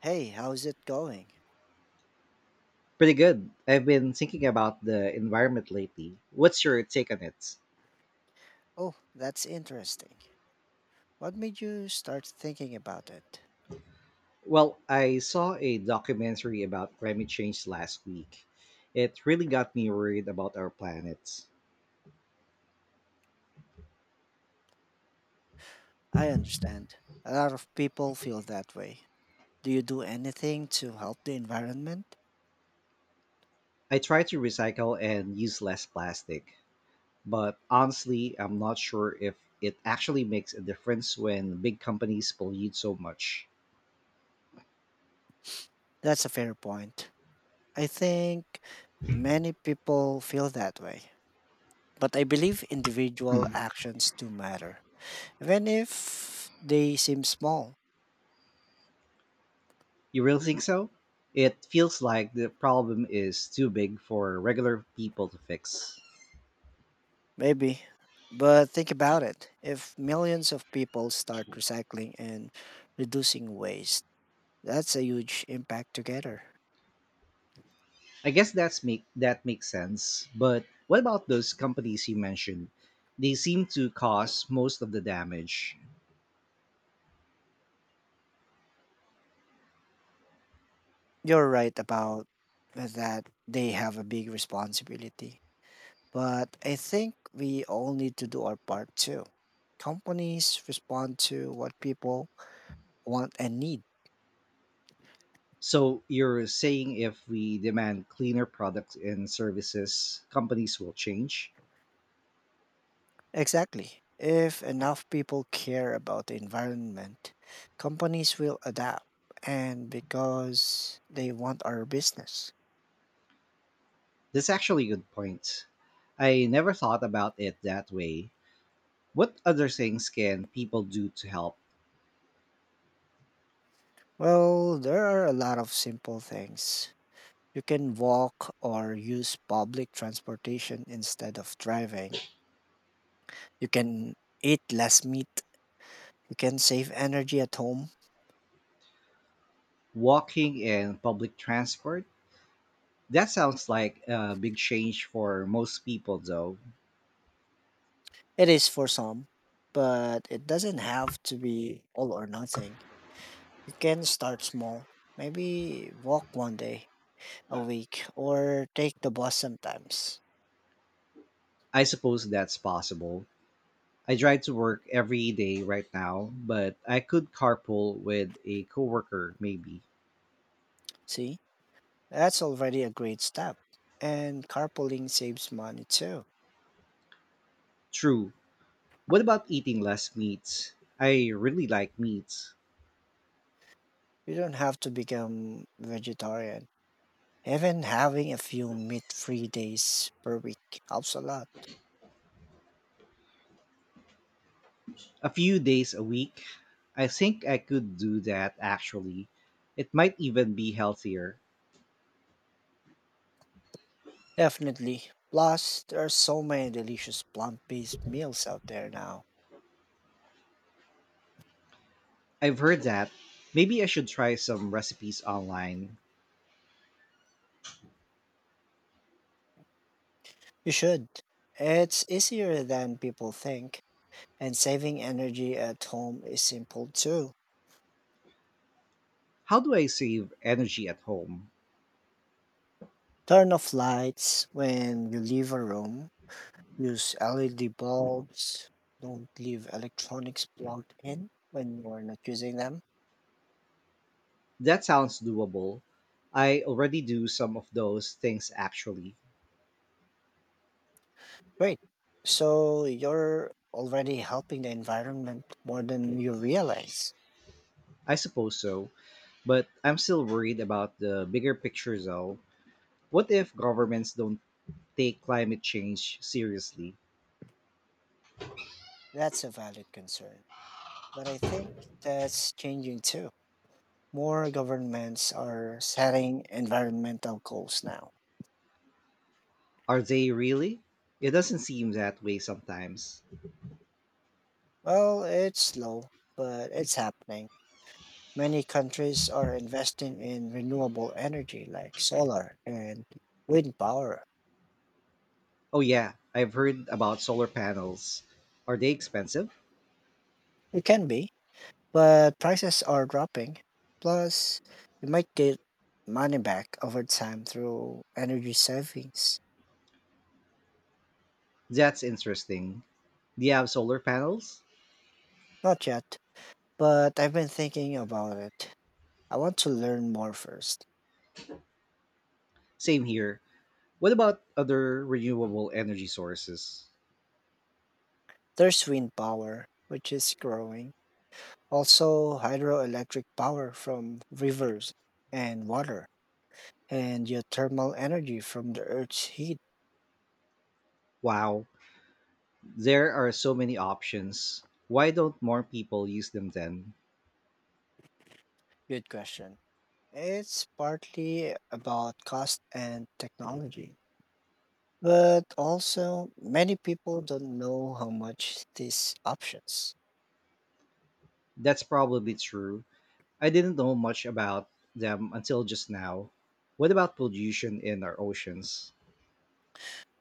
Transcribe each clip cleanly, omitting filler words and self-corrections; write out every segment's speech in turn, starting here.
Hey, how's it going? Pretty good. I've been thinking about the environment lately. What's your take on it? Oh, that's interesting. What made you start thinking about it? Well, I saw a documentary about climate change last week. It really got me worried about our planet. I understand. A lot of people feel that way. Do you do anything to help the environment? I try to recycle and use less plastic, but honestly, I'm not sure if it actually makes a difference when big companies pollute so much. That's a fair point. I think many people feel that way. But I believe individual Mm. actions do matter, even if they seem small. You really think so? It feels like the problem is too big for regular people to fix. Maybe. But think about it. If millions of people start recycling and reducing waste, that's a huge impact together. I guess that makes sense. But what about those companies you mentioned? They seem to cause most of the damage. You're right about that, they have a big responsibility. But I think we all need to do our part too. Companies respond to what people want and need. So you're saying if we demand cleaner products and services, companies will change? Exactly. If enough people care about the environment, companies will adapt. And because they want our business. That's actually a good point. I never thought about it that way. What other things can people do to help? Well, there are a lot of simple things. You can walk or use public transportation instead of driving. You can eat less meat. You can save energy at home. Walking and public transport? That sounds like a big change for most people, though. It is for some, but it doesn't have to be all or nothing. You can start small. Maybe walk one day a week or take the bus sometimes. I suppose that's possible. I drive to work every day right now, but I could carpool with a coworker maybe. See, that's already a great step. And carpooling saves money too. True. What about eating less meat? I really like meat. You don't have to become vegetarian. Even having a few meat free days per week helps a lot. A few days a week. I think I could do that actually. It might even be healthier. Definitely. Plus, there are so many delicious plant based meals out there now. I've heard that. Maybe I should try some recipes online. You should. It's easier than people think, and saving energy at home is simple too. How do I save energy at home? Turn off lights when you leave a room. Use LED bulbs. Don't leave electronics plugged in when you're not using them. That sounds doable. I already do some of those things actually. Great. So you're already helping the environment more than you realize. I suppose so. But I'm still worried about the bigger picture though. What if governments don't take climate change seriously? That's a valid concern. But I think that's changing too. More governments are setting environmental goals now. Are they really? It doesn't seem that way sometimes. Well, it's slow, but it's happening. Many countries are investing in renewable energy like solar and wind power. Oh yeah, I've heard about solar panels. Are they expensive? It can be, but prices are dropping. Plus, you might get money back over time through energy savings. That's interesting. Do you have solar panels? Not yet, but I've been thinking about it. I want to learn more first. Same here. What about other renewable energy sources? There's wind power, which is growing, also hydroelectric power from rivers and water, and geothermal energy from the Earth's heat. Wow, there are so many options. Why don't more people use them then? Good question. It's partly about cost and technology. But also, many people don't know how much these options. That's probably true. I didn't know much about them until just now. What about pollution in our oceans?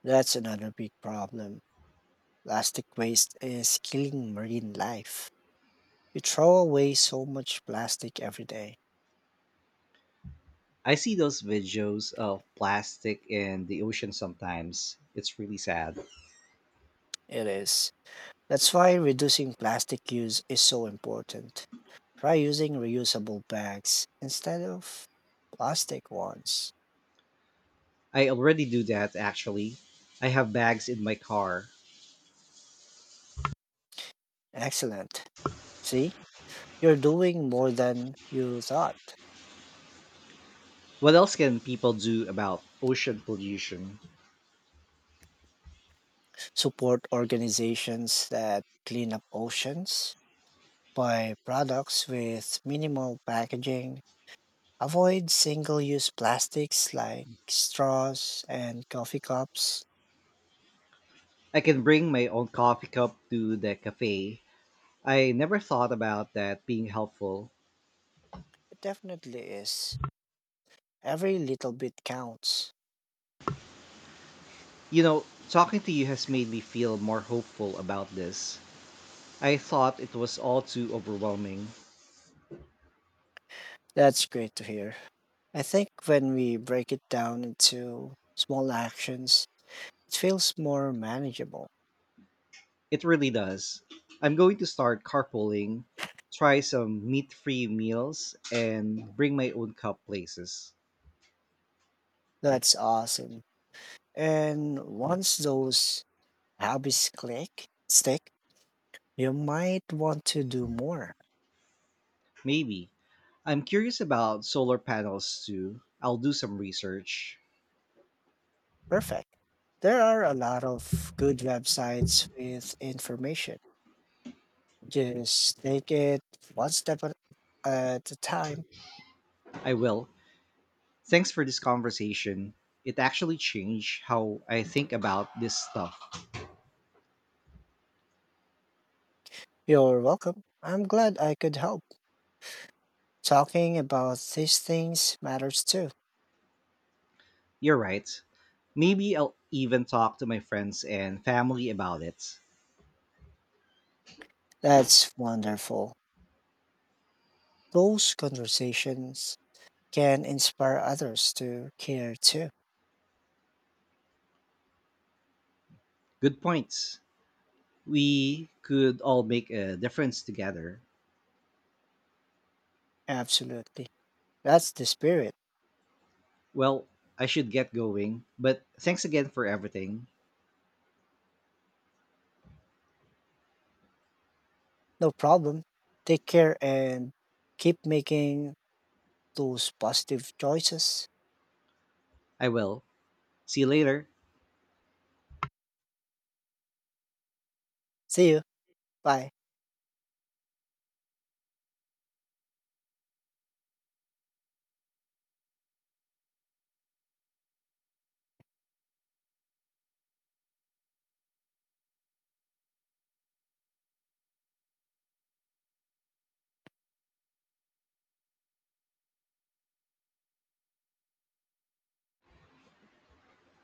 That's another big problem. Plastic waste is killing marine life. We throw away so much plastic every day. I see those videos of plastic in the ocean sometimes. It's really sad. It is. That's why reducing plastic use is so important. Try using reusable bags instead of plastic ones. I already do that actually. I have bags in my car. Excellent. See, you're doing more than you thought. What else can people do about ocean pollution? Support organizations that clean up oceans, buy products with minimal packaging, avoid single use plastics like straws and coffee cups. I can bring my own coffee cup to the cafe. I never thought about that being helpful. It definitely is. Every little bit counts. You know, talking to you has made me feel more hopeful about this. I thought it was all too overwhelming. That's great to hear. I think when we break it down into small actions, it feels more manageable. It really does. I'm going to start carpooling, try some meat free meals, and bring my own cup places. That's awesome. And once those hobbies click, stick, you might want to do more. Maybe. I'm curious about solar panels too. I'll do some research. Perfect. There are a lot of good websites with information. Just take it one step at a time. I will. Thanks for this conversation. It actually changed how I think about this stuff. You're welcome. I'm glad I could help. Talking about these things matters too. You're right. Maybe I'll even talk to my friends and family about it. That's wonderful. Those conversations can inspire others to care too. Good points. We could all make a difference together. Absolutely. That's the spirit. Well, I should get going, but thanks again for everything. No problem. Take care and keep making those positive choices. I will. See you later. See you. Bye.